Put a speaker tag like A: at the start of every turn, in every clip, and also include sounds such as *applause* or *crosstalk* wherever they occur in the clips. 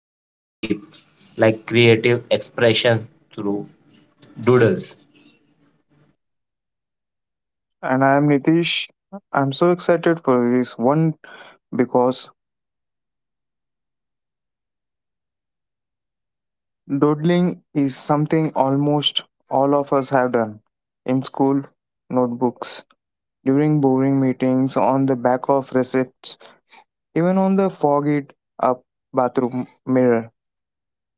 A: surprisingly deep, like creative expression through doodles.
B: And I am Nitish. I'm so excited for this one because doodling is something almost all of us have done in school, notebooks, during boring meetings, on the back of receipts, even on the foggy up bathroom mirror.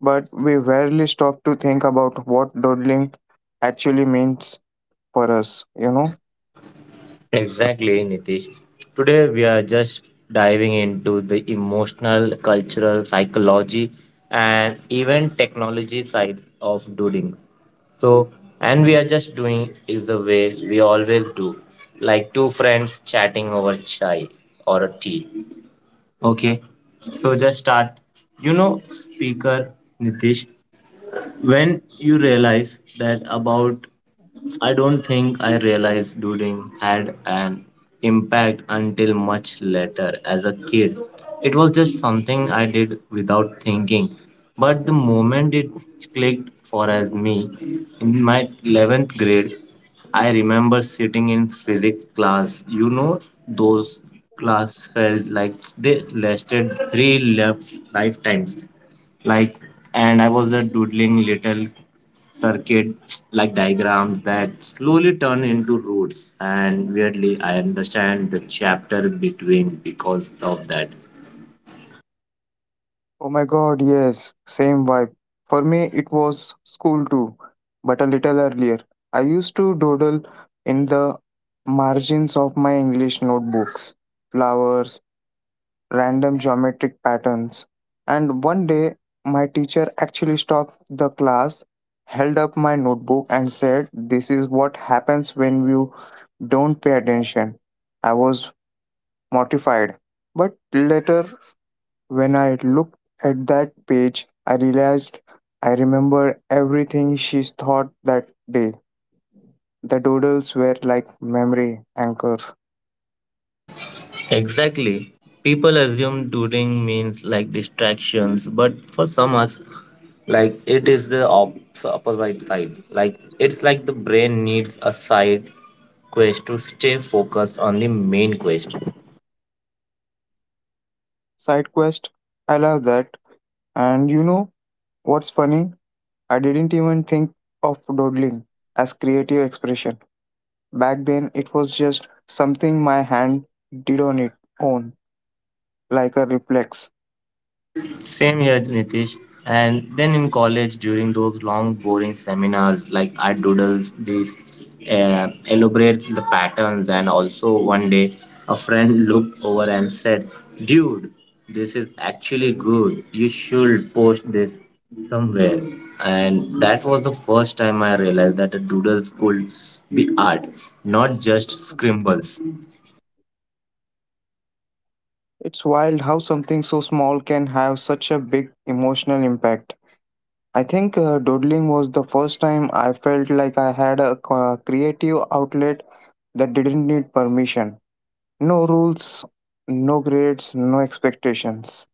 B: But we rarely stop to think about what doodling actually means for us?
A: Exactly, Nitish. Today we are just diving into the emotional, cultural, psychology, and even technology side of doodling. So, and we are just doing is the way we always do, like two friends chatting over chai or a tea. Okay, so just start. You know, speaker Nitish, when you realize that about I don't think I realized doodling had an impact until much later as a kid. It was just something I did without thinking. But the moment it clicked for as me, in my 11th grade, I remember sitting in physics class. You know, those class felt like they lasted three left lifetimes like and I was the doodling little circuit like diagrams that slowly turn into roots, and weirdly I understand the chapter between because of that.
B: Oh my god, yes, same vibe. For me, it was school too, but a little earlier. I used to doodle in the margins of my English notebooks, flowers, random geometric patterns. And one day, my teacher actually stopped the class, held up my notebook, and said, "This is what happens when you don't pay attention." I was mortified, but later when I looked at that page, I realized I remembered everything she thought that day. The doodles were like memory anchor.
A: Exactly. People assume doodling means like distractions, but for some us, like it is the opposite side. Like it's like the brain needs a side quest to stay focused on the main quest.
B: Side quest, I love that. And you know what's funny? I didn't even think of doodling as creative expression. Back then, it was just something my hand did on its own, like a reflex.
A: Same here, Nitish. And then in college, during those long, boring seminars, like I doodles this, elaborates the patterns, and also one day a friend looked over and said, "Dude, this is actually good. You should post this somewhere." And that was the first time I realized that a doodles could be art, not just scribbles.
B: It's wild how something so small can have such a big emotional impact. I think doodling was the first time I felt like I had a creative outlet that didn't need permission. No rules, no grades, no expectations.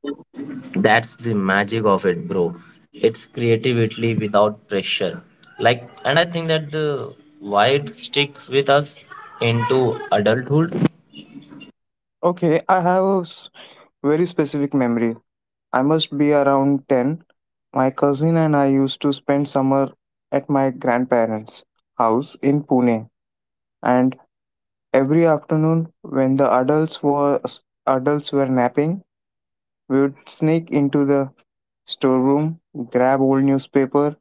A: That's the magic of it, bro. It's creativity without pressure, like and I think that the why it sticks with us into adulthood.
B: Okay, I have a s- very specific memory. I must be around 10. My cousin and I used to spend summer at my grandparents' house in Pune, and every afternoon when the adults were napping, we would sneak into the storeroom, grab old newspaper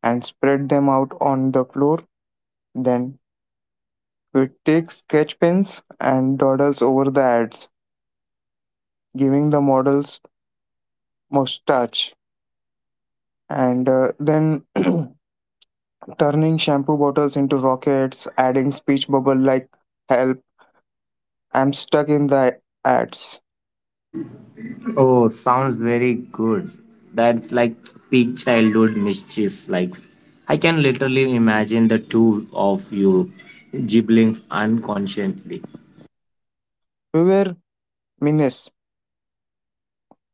B: and spread them out on the floor. Then we'd take sketch pens and dawdles over the ads, giving the models mustache and then *clears throat* turning shampoo bottles into rockets, adding speech bubble like, "Help, I'm stuck in the ads."
A: Oh, sounds very good. That's like peak childhood mischief. Like, I can literally imagine the two of you gibbling unconsciously.
B: We were menace.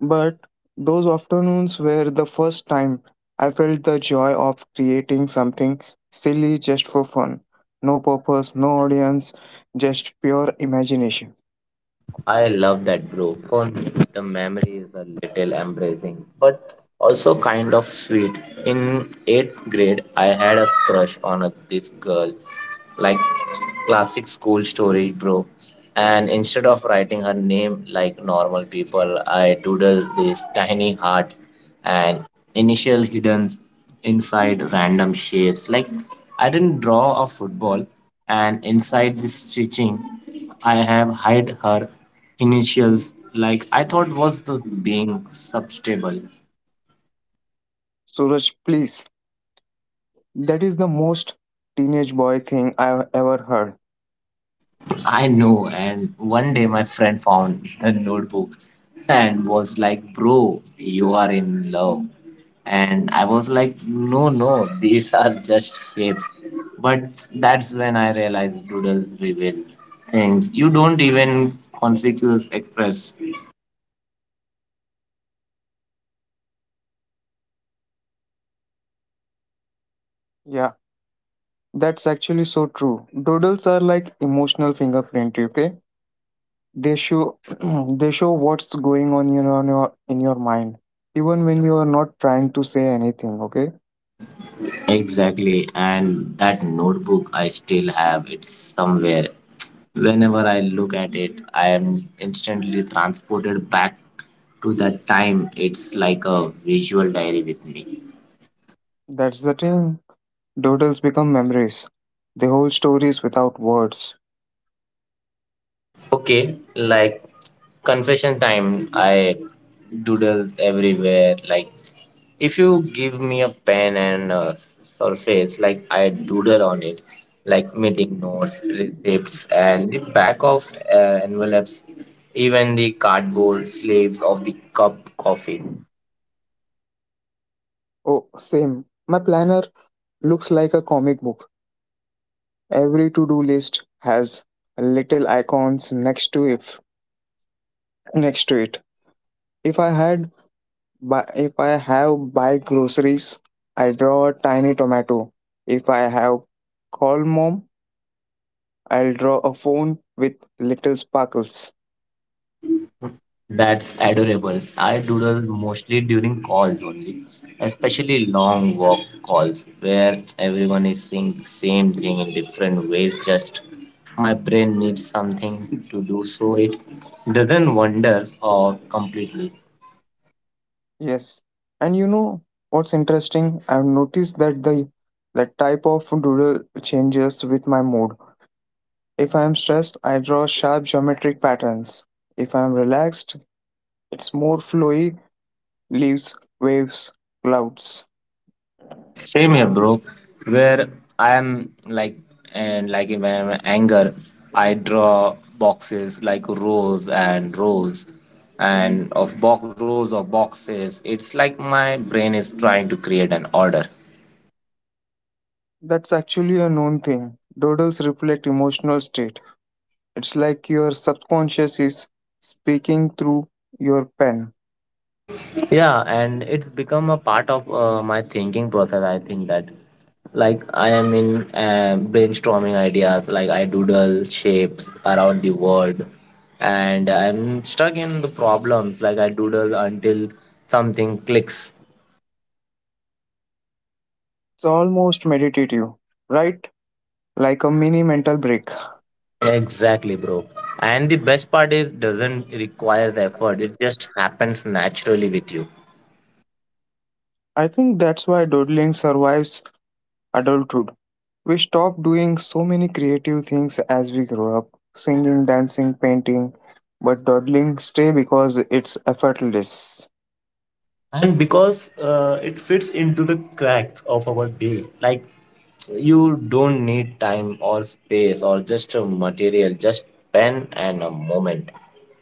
B: But those afternoons were the first time I felt the joy of creating something silly just for fun. No purpose, no audience, just pure imagination.
A: I love that, bro. For me, the memory is a little embarrassing, but also kind of sweet. In eighth grade, I had a crush on a, this girl, like classic school story, bro. And instead of writing her name like normal people, I doodled this tiny heart and initial hidden inside random shapes. Like I didn't draw a football, and inside this stitching. I have hide her initials like I thought was the being substable.
B: Suraj, please. That is the most teenage boy thing I've ever heard.
A: I know, and one day my friend found the notebook and was like, bro, you are in love. And I was like, no, no, these are just shapes. But that's when I realized doodles reveal things you don't even conspicuous express.
B: Yeah, that's actually so true. Doodles are like emotional fingerprint, okay? They show *clears throat* they show what's going on in your, on your in your mind, even when you are not trying to say anything, okay?
A: Exactly, and that notebook I still have it somewhere. Whenever I look at it, I am instantly transported back to that time. It's like a visual diary with me.
B: That's the thing. Doodles become memories. They hold stories without words.
A: Okay, like confession time. I doodle everywhere. Like if you give me a pen and a surface, like I doodle on it, like meeting notes, receipts, and the back of envelopes, even the cardboard sleeves of the cup coffee.
B: Oh, same. My planner looks like a comic book. Every to-do list has little icons next to it. If I had But if I have buy groceries, I draw a tiny tomato. If I have call mom, I'll draw a phone with little sparkles.
A: That's adorable. I doodle mostly during calls only, especially long walk calls where everyone is saying the same thing in different ways. Just my brain needs something to do so it doesn't wander or completely.
B: Yes. And you know what's interesting? I've noticed that the type of doodle changes with my mood. If I am stressed, I draw sharp geometric patterns. If I am relaxed, it's more flowy leaves, waves, clouds.
A: Same here, bro. Where I am like, and like in my anger, I draw boxes like rows and rows, and of box rows of boxes. It's like my brain is trying to create an order.
B: That's actually a known thing. Doodles reflect emotional state. It's like your subconscious is speaking through your pen.
A: Yeah, and it's become a part of my thinking process. I think that like I am in brainstorming ideas, like I doodle shapes around the word, and I'm stuck in the problems. Like I doodle until something clicks.
B: It's almost meditative, right? Like a mini mental break.
A: Exactly, bro. And the best part is doesn't require effort. It just happens naturally with you.
B: I think that's why doodling survives adulthood. We stop doing so many creative things as we grow up, singing, dancing, painting, but dawdling stay because it's effortless.
A: And because it fits into the cracks of our day, like you don't need time or space or just a material, just pen and a moment.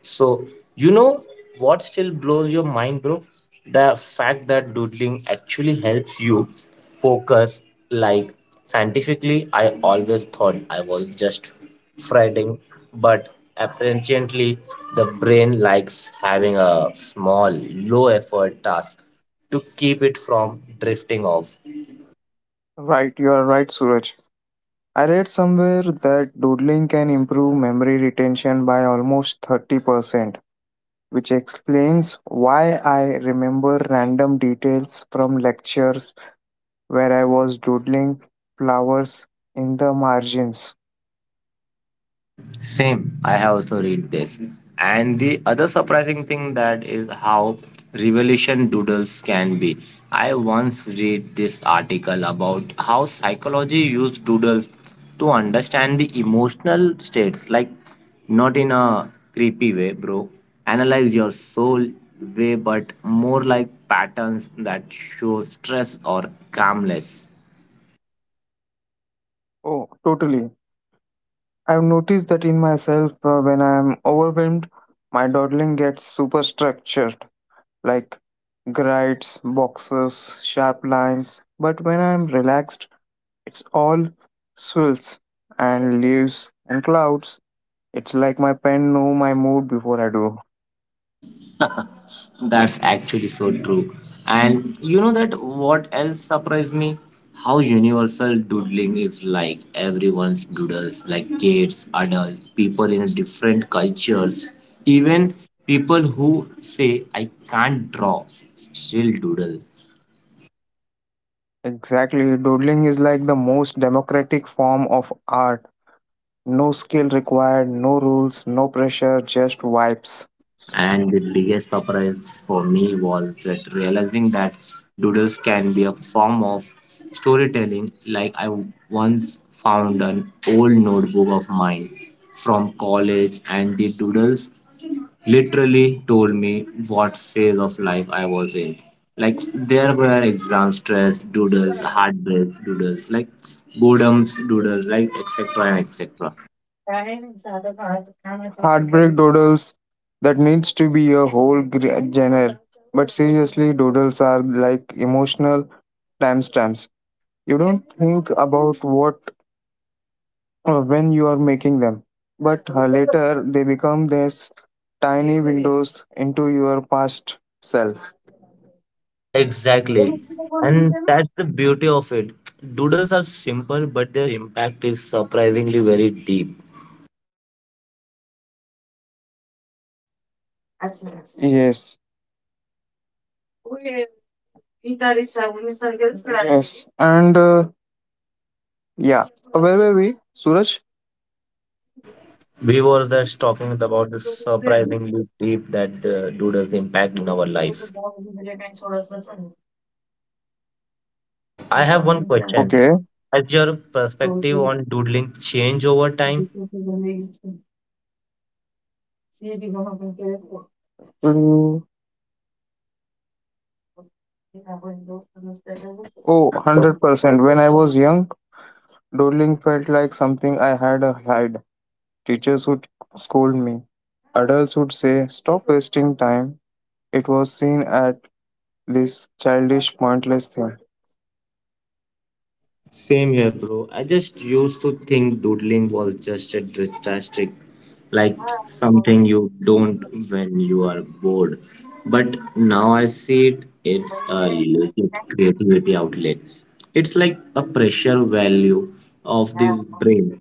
A: So, you know what still blows your mind, bro? The fact that doodling actually helps you focus, like scientifically. I always thought I was just fretting, but apparently the brain likes having a small, low effort task to keep it from drifting off.
B: Right, you are right, Suraj. I read somewhere that doodling can improve memory retention by almost 30%, which explains why I remember random details from lectures where I was doodling flowers in the margins.
A: Same. I have also read this. And the other surprising thing that is how revelation doodles can be. I once read this article about how psychology used doodles to understand the emotional states, like not in a creepy way, bro. Analyze your soul way, but more like patterns that show stress or calmness.
B: Oh, totally. I've noticed that in myself when I'm overwhelmed, my dawdling gets super structured, like grids, boxes, sharp lines. But when I'm relaxed, it's all swirls and leaves and clouds. It's like my pen know my mood before I do.
A: That's actually so true. And you know that what else surprised me? How universal doodling is, like everyone's doodles, like kids, adults, people in different cultures, even people who say I can't draw still doodle.
B: Exactly, doodling is like the most democratic form of art. No skill required, no rules, no pressure, just vibes.
A: And the biggest surprise for me was that realizing that doodles can be a form of storytelling. Like I once found an old notebook of mine from college, and the doodles literally told me what phase of life I was in. Like there were exam stress doodles, heartbreak doodles, like boredoms doodles, like etc. and etc.
B: Heartbreak doodles, that needs to be a whole genre. But seriously, doodles are like emotional timestamps. You don't think about what when you are making them, but later they become these tiny windows into your past self.
A: Exactly. And that's the beauty of it. Doodles are simple, but their impact is surprisingly very deep.
B: Yes. Yes. And yeah, where were we, Suraj?
A: We were just talking about the surprisingly deep that the doodles impact in our life. I have one question.
B: Okay.
A: Has your perspective on doodling changed over time?
B: Oh, 100%. When I was young, doodling felt like something I had to hide. Teachers would scold me. Adults would say, "Stop wasting time." It was seen at this childish, pointless thing.
A: Same here, bro. I just used to think doodling was just a statistic, like something you don't when you are bored. But now I see it, it's a legit creativity outlet. It's like a pressure value of the brain.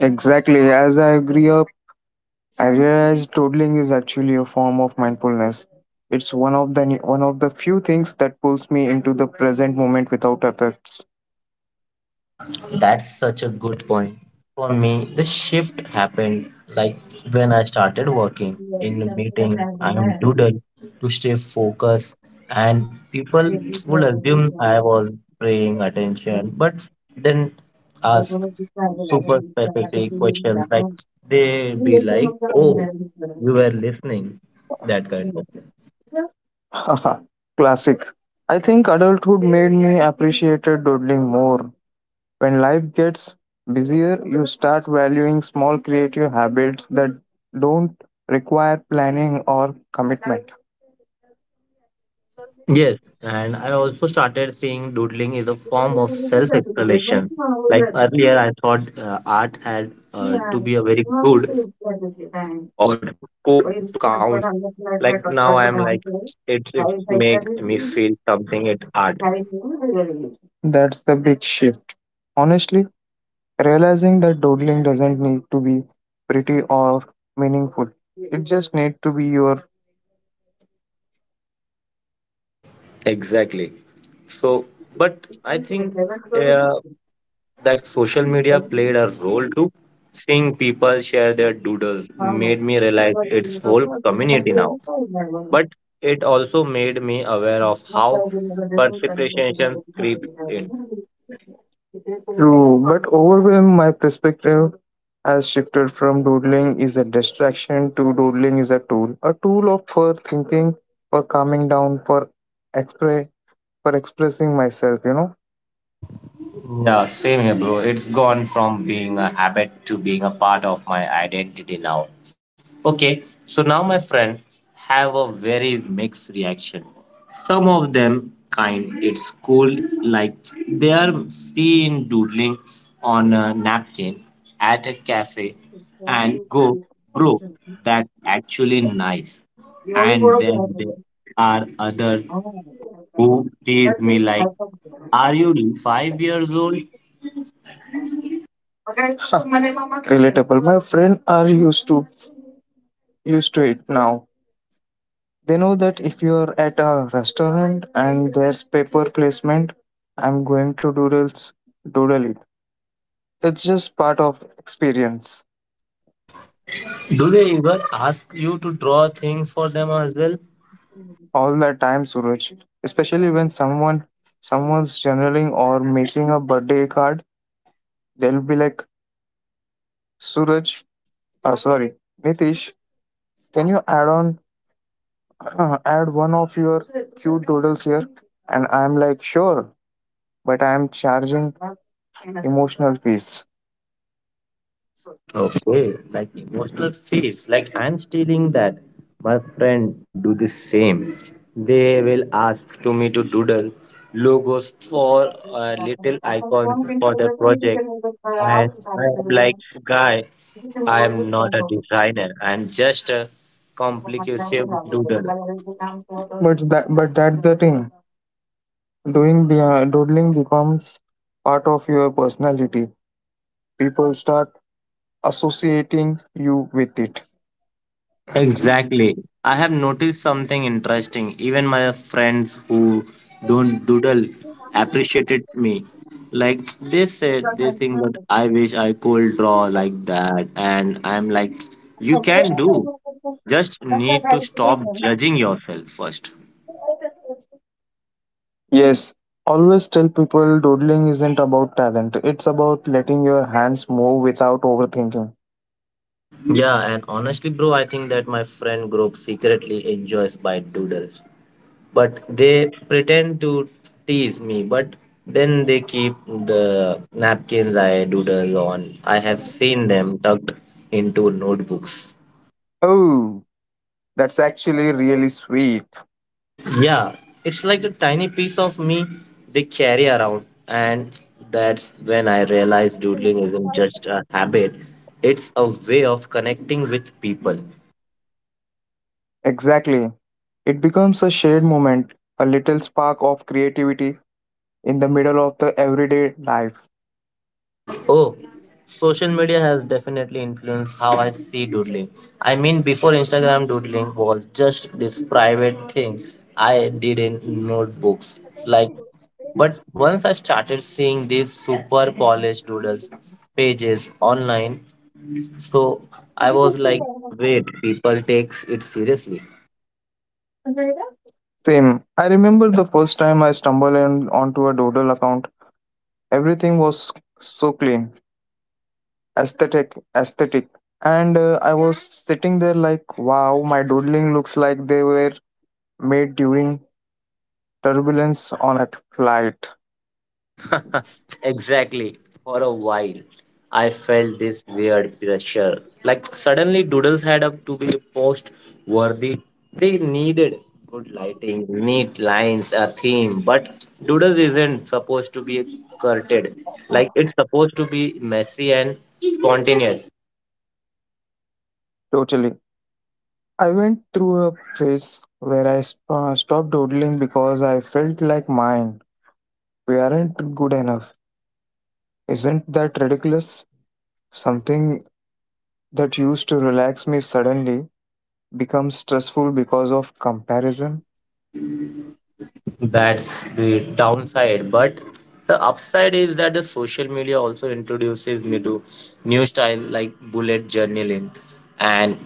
B: Exactly. As I grew up, I realized doodling is actually a form of mindfulness. It's one of the few things that pulls me into the present moment without effects.
A: That's such a good point. For me, the shift happened like when I started working in meetings. I am doodle to stay focused, and people would assume I was paying attention, but then ask super specific questions like they be like, "Oh, you were listening," that kind of.
B: Haha, classic. I think adulthood made me appreciate doodling more. When life gets busier, you start valuing small creative habits that don't require planning or commitment.
A: Yes, and I also started seeing doodling is a form of self-expression. Like earlier, I thought art had to be a very good or to count to count. Like now, I'm like it make me feel something. It art
B: That's the big shift. Honestly, realizing that doodling doesn't need to be pretty or meaningful. It just needs to be your.
A: exactly. So, but I think uh, that social media played a role too. Seeing people share their doodles made me realize it's whole community now, but it also made me aware of how perception creeps in.
B: True, but overwhelm my perspective has shifted from doodling is a distraction to doodling is a tool. A tool of for thinking, for calming down, expre- for expressing myself, you know.
A: Yeah, same here, bro. It's gone from being a habit to being a part of my identity now. Okay, so now my friend have a very mixed reaction. Some of them kind, it's cool, like they are seen doodling on a napkin at a cafe and go, bro, that's actually nice. And then there are other who tease me like, are you 5 years old?
B: Huh, relatable. My friend are used to it now. They know that if you're at a restaurant and there's paper placement, I'm going to doodle it. It's just part of experience.
A: Do they even ask you to draw things for them as well?
B: All the time, Suraj. Especially when someone's journaling or making a birthday card, they'll be like, "Suraj, sorry, Nitish, can you add on *clears throat* add one of your cute doodles here?" And I'm like, sure, but I'm charging emotional fees.
A: Okay, like emotional face. Like I'm stealing that. My friend do the same. They will ask to me to doodle logos for little icons for their project, and I am like, guy, I am not a designer. I am just a complicated doodle.
B: But that's the thing. Doing the doodling becomes part of your personality. People start associating you with it.
A: Exactly. I have noticed something interesting. Even my friends who don't doodle appreciated me. Like *tsk* they said they think that I wish I could draw like that, and I'm like *tsk* you can do. Just need to stop judging yourself first.
B: Yes, always tell people doodling isn't about talent, it's about letting your hands move without overthinking.
A: Yeah, and honestly, bro, I think that my friend group secretly enjoys by doodles, but they pretend to tease me, but then they keep the napkins I doodle on. I have seen them tucked into notebooks.
B: Oh, that's actually really sweet.
A: Yeah, it's like a tiny piece of me they carry around, and that's when I realized doodling isn't just a habit, it's a way of connecting with people.
B: Exactly. It becomes a shared moment, a little spark of creativity in the middle of the everyday life.
A: Oh, social media has definitely influenced how I see doodling. I mean, before Instagram, doodling was just this private thing I did in notebooks. Like, but once I started seeing these super polished doodles pages online, so I was like, wait, people takes it seriously.
B: Same. I remember the first time I stumbled in onto a Doodle account. Everything was so clean, aesthetic. And I was sitting there like, wow, my doodling looks like they were made during turbulence on a flight.
A: Exactly. For a while, I felt this weird pressure. Like suddenly, doodles had up to be post worthy. They needed good lighting, neat lines, a theme. But doodles isn't supposed to be curted. Like it's supposed to be messy and spontaneous.
B: Totally. I went through a phase where stopped doodling because I felt like mine. We aren't good enough. Isn't that ridiculous? Something that used to relax me suddenly becomes stressful because of comparison.
A: That's the downside, but the upside is that the social media also introduces me to new style like bullet journaling and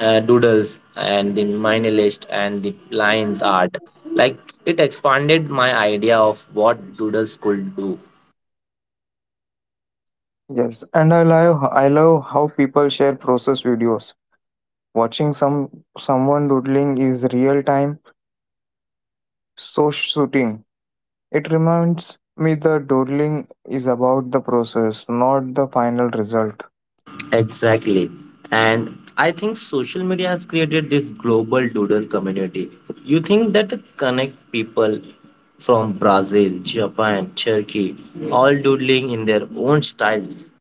A: doodles and the minimalist and the lines art. Like it expanded my idea of what doodles could do.
B: Yes, and I love how people share process videos. Watching someone doodling is real time so shooting. It reminds me that doodling is about the process, not the final result.
A: Exactly. And I think social media has created this global doodle community. You think that the connect people from Brazil, Japan, Turkey, all doodling in their own styles.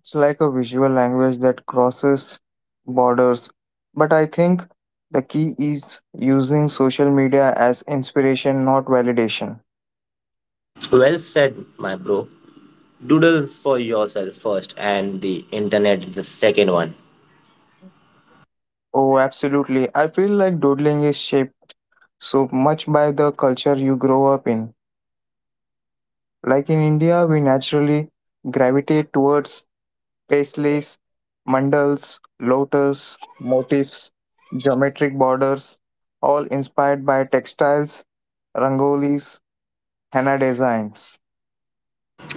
B: It's like a visual language that crosses borders. But I think the key is using social media as inspiration, not validation.
A: Well said, my bro. Doodle for yourself first, and the internet is the second one.
B: Oh, absolutely. I feel like doodling is shaped so much by the culture you grow up in. Like in India, we naturally gravitate towards paisleys, mandals, lotus, motifs, geometric borders, all inspired by textiles, rangolis, henna designs.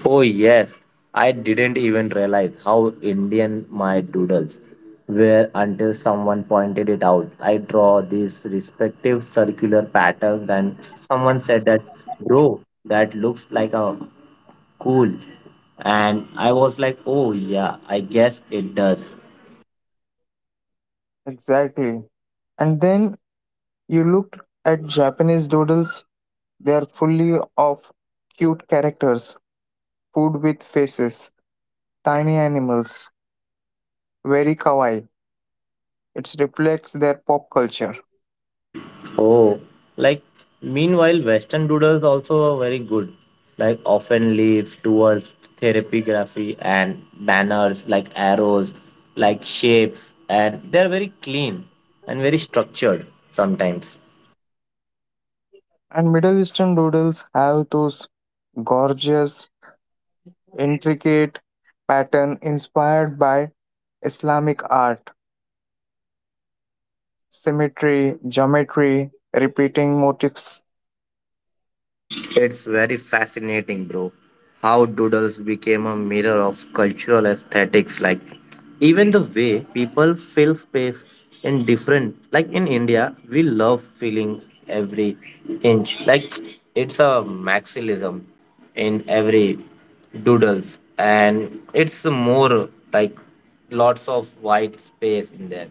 A: Oh yes, I didn't even realize how Indian my doodles were until someone pointed it out. I draw these respective circular patterns and someone said that, bro, that looks like a cool. And I was like, oh yeah, I guess it does.
B: Exactly. And then you look at Japanese doodles, they are fully of cute characters, food with faces, tiny animals, very kawaii. It reflects their pop culture.
A: Oh, like meanwhile, Western doodles also are very good. Like often leaves towards therapy and banners like arrows, like shapes, and they're very clean and very structured sometimes.
B: And Middle Eastern doodles have those gorgeous, intricate pattern inspired by Islamic art, symmetry, geometry, repeating motifs.
A: It's very fascinating, bro. How doodles became a mirror of cultural aesthetics, like even the way people fill space in different, like in India, we love filling every inch. Like it's a maximism in every doodles, and it's more like lots of white space in that.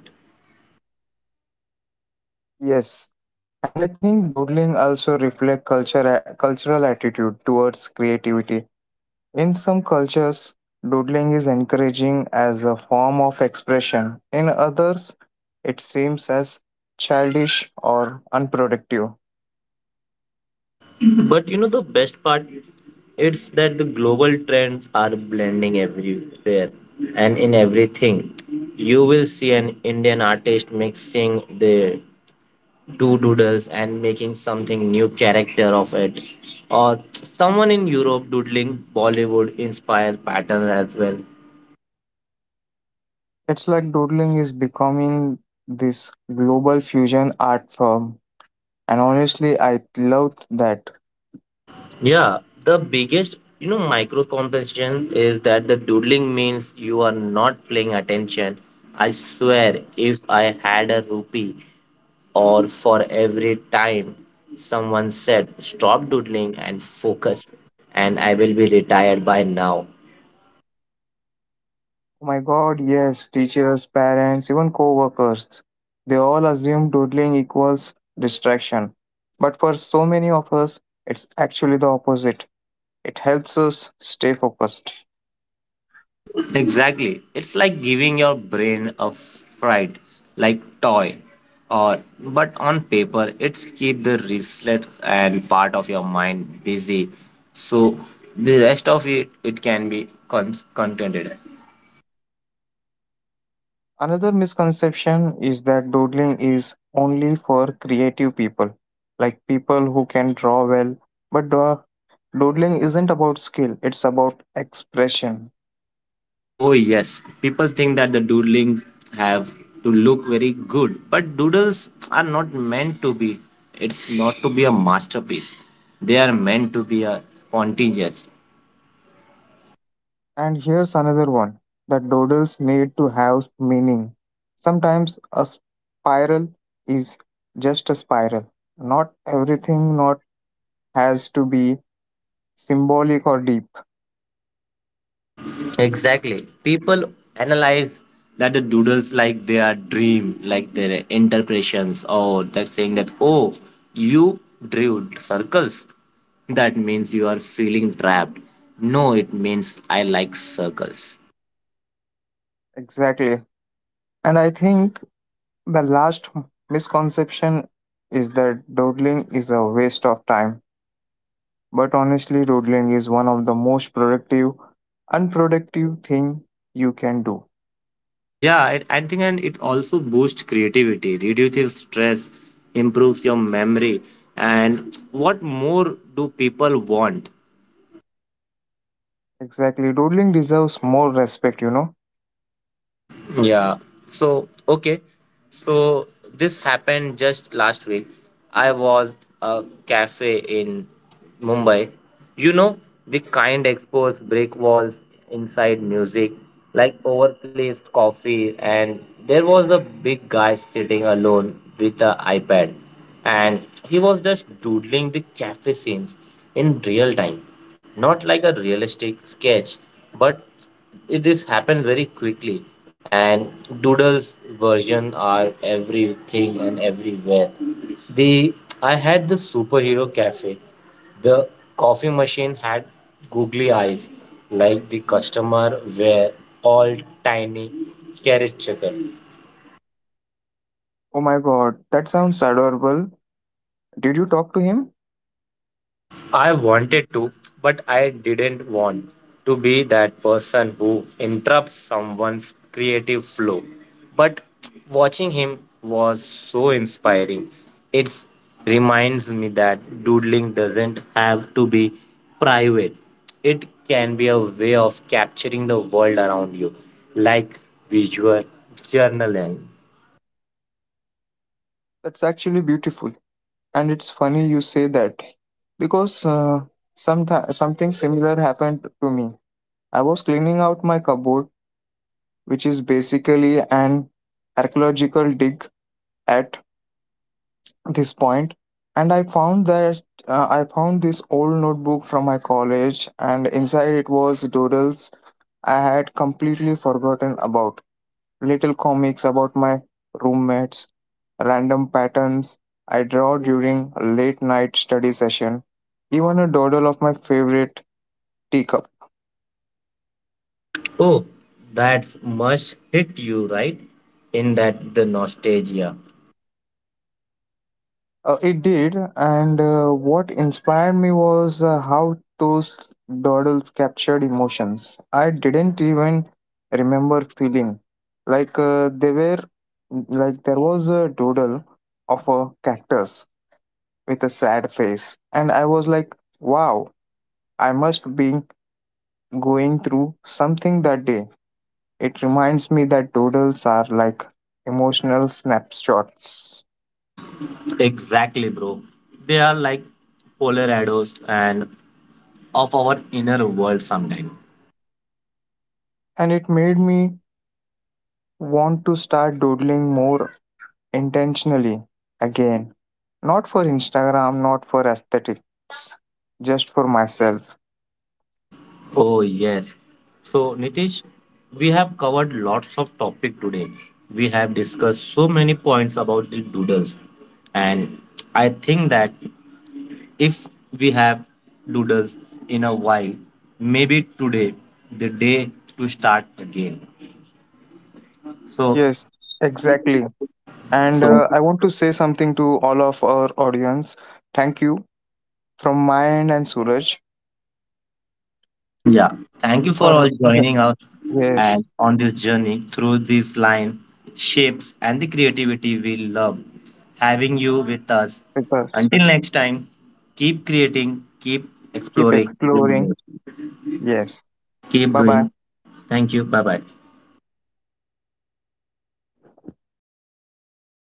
B: Yes. And I think doodling also reflects culture, cultural attitude towards creativity. In some cultures, doodling is encouraging as a form of expression. In others, it seems as childish or unproductive.
A: But you know the best part, it's that the global trends are blending everywhere and in everything. You will see an Indian artist mixing the two doodles and making something new character of it, or someone in Europe doodling Bollywood inspired pattern as well.
B: It's like doodling is becoming this global fusion art form. And honestly, I love that.
A: Yeah, the biggest, you know, micro compensation is that the doodling means you are not paying attention. I swear, if I had a rupee or for every time someone said stop doodling and focus, and I will be retired by now.
B: Oh my god, yes, teachers, parents, even co workers. They all assume doodling equals distraction. But for so many of us, it's actually the opposite. It helps us stay focused.
A: Exactly. It's like giving your brain a fright, like toy. Or but on paper, it's keep the wristlet and part of your mind busy. So the rest of it can be contented.
B: Another misconception is that doodling is only for creative people, like people who can draw well. But draw. Doodling isn't about skill, it's about expression.
A: Oh yes, people think that the doodlings have to look very good, but doodles are not meant to be. It's not to be a masterpiece. They are meant to be a spontaneous.
B: And here's another one that doodles need to have meaning. Sometimes a spiral is just a spiral. Not everything not has to be symbolic or deep.
A: Exactly. People analyze that the doodles like their dream, like their interpretations, or that saying that, oh, you drew circles. That means you are feeling trapped. No, it means I like circles.
B: Exactly. And I think the last misconception is that doodling is a waste of time. But honestly, doodling is one of the most productive, unproductive thing you can do.
A: Yeah, I think and it also boosts creativity, reduces stress, improves your memory. And what more do people want?
B: Exactly. Doodling deserves more respect, you know.
A: Yeah. So, okay. So, this happened just last week. I was a cafe in Mumbai. You know, the kind exposed brick walls inside music, like overplaced coffee, and there was a big guy sitting alone with an iPad, and he was just doodling the cafe scenes in real time, not like a realistic sketch, but it this happened very quickly and doodles version are everything and everywhere the I had the superhero cafe, the coffee machine had googly eyes, like the customer were all tiny caricature.
B: Oh my god, that sounds adorable. Did you talk to him?
A: I wanted to, but I didn't want to be that person who interrupts someone's creative flow. But watching him was so inspiring. It reminds me that doodling doesn't have to be private, it can be a way of capturing the world around you, like visual journaling.
B: That's actually beautiful. And it's funny you say that because something similar happened to me. I was cleaning out my cupboard, which is basically an archaeological dig at this point, and I found this old notebook from my college and inside it was doodles I had completely forgotten about, little comics about my roommates, random patterns I draw during late night study session, even a doodle of my favorite teacup.
A: Oh, that's must hit you, right? In that the nostalgia.
B: It did, and what inspired me was how those doodles captured emotions I didn't even remember feeling. Like uh, they were, like there was a doodle of a cactus with a sad face, and I was like, wow, I must be going through something that day. It reminds me that doodles are like emotional snapshots,
A: Exactly, bro. They are like polar shadows and of our inner world sometime.
B: and it made me want to start doodling more intentionally again, not for Instagram, not for aesthetics, just for myself.
A: Oh yes. So Nitish, we have covered lots of topic today. We have discussed so many points about the doodles, and I think that if we have doodles in a while, maybe today the day to start again. So,
B: Yes, exactly. And
A: so
B: I want to say something to all of our audience. Thank you from my end and Suraj
A: yeah. Thank you for all
B: for,
A: joining us
B: yes,
A: and on this journey through these line shapes and the creativity we love having you with us.
B: because
A: Until next time, keep creating, keep
B: keep
A: exploring,
B: exploring, yes.
A: keep
B: Bye
A: doing.
B: bye.
A: Thank you. Bye bye.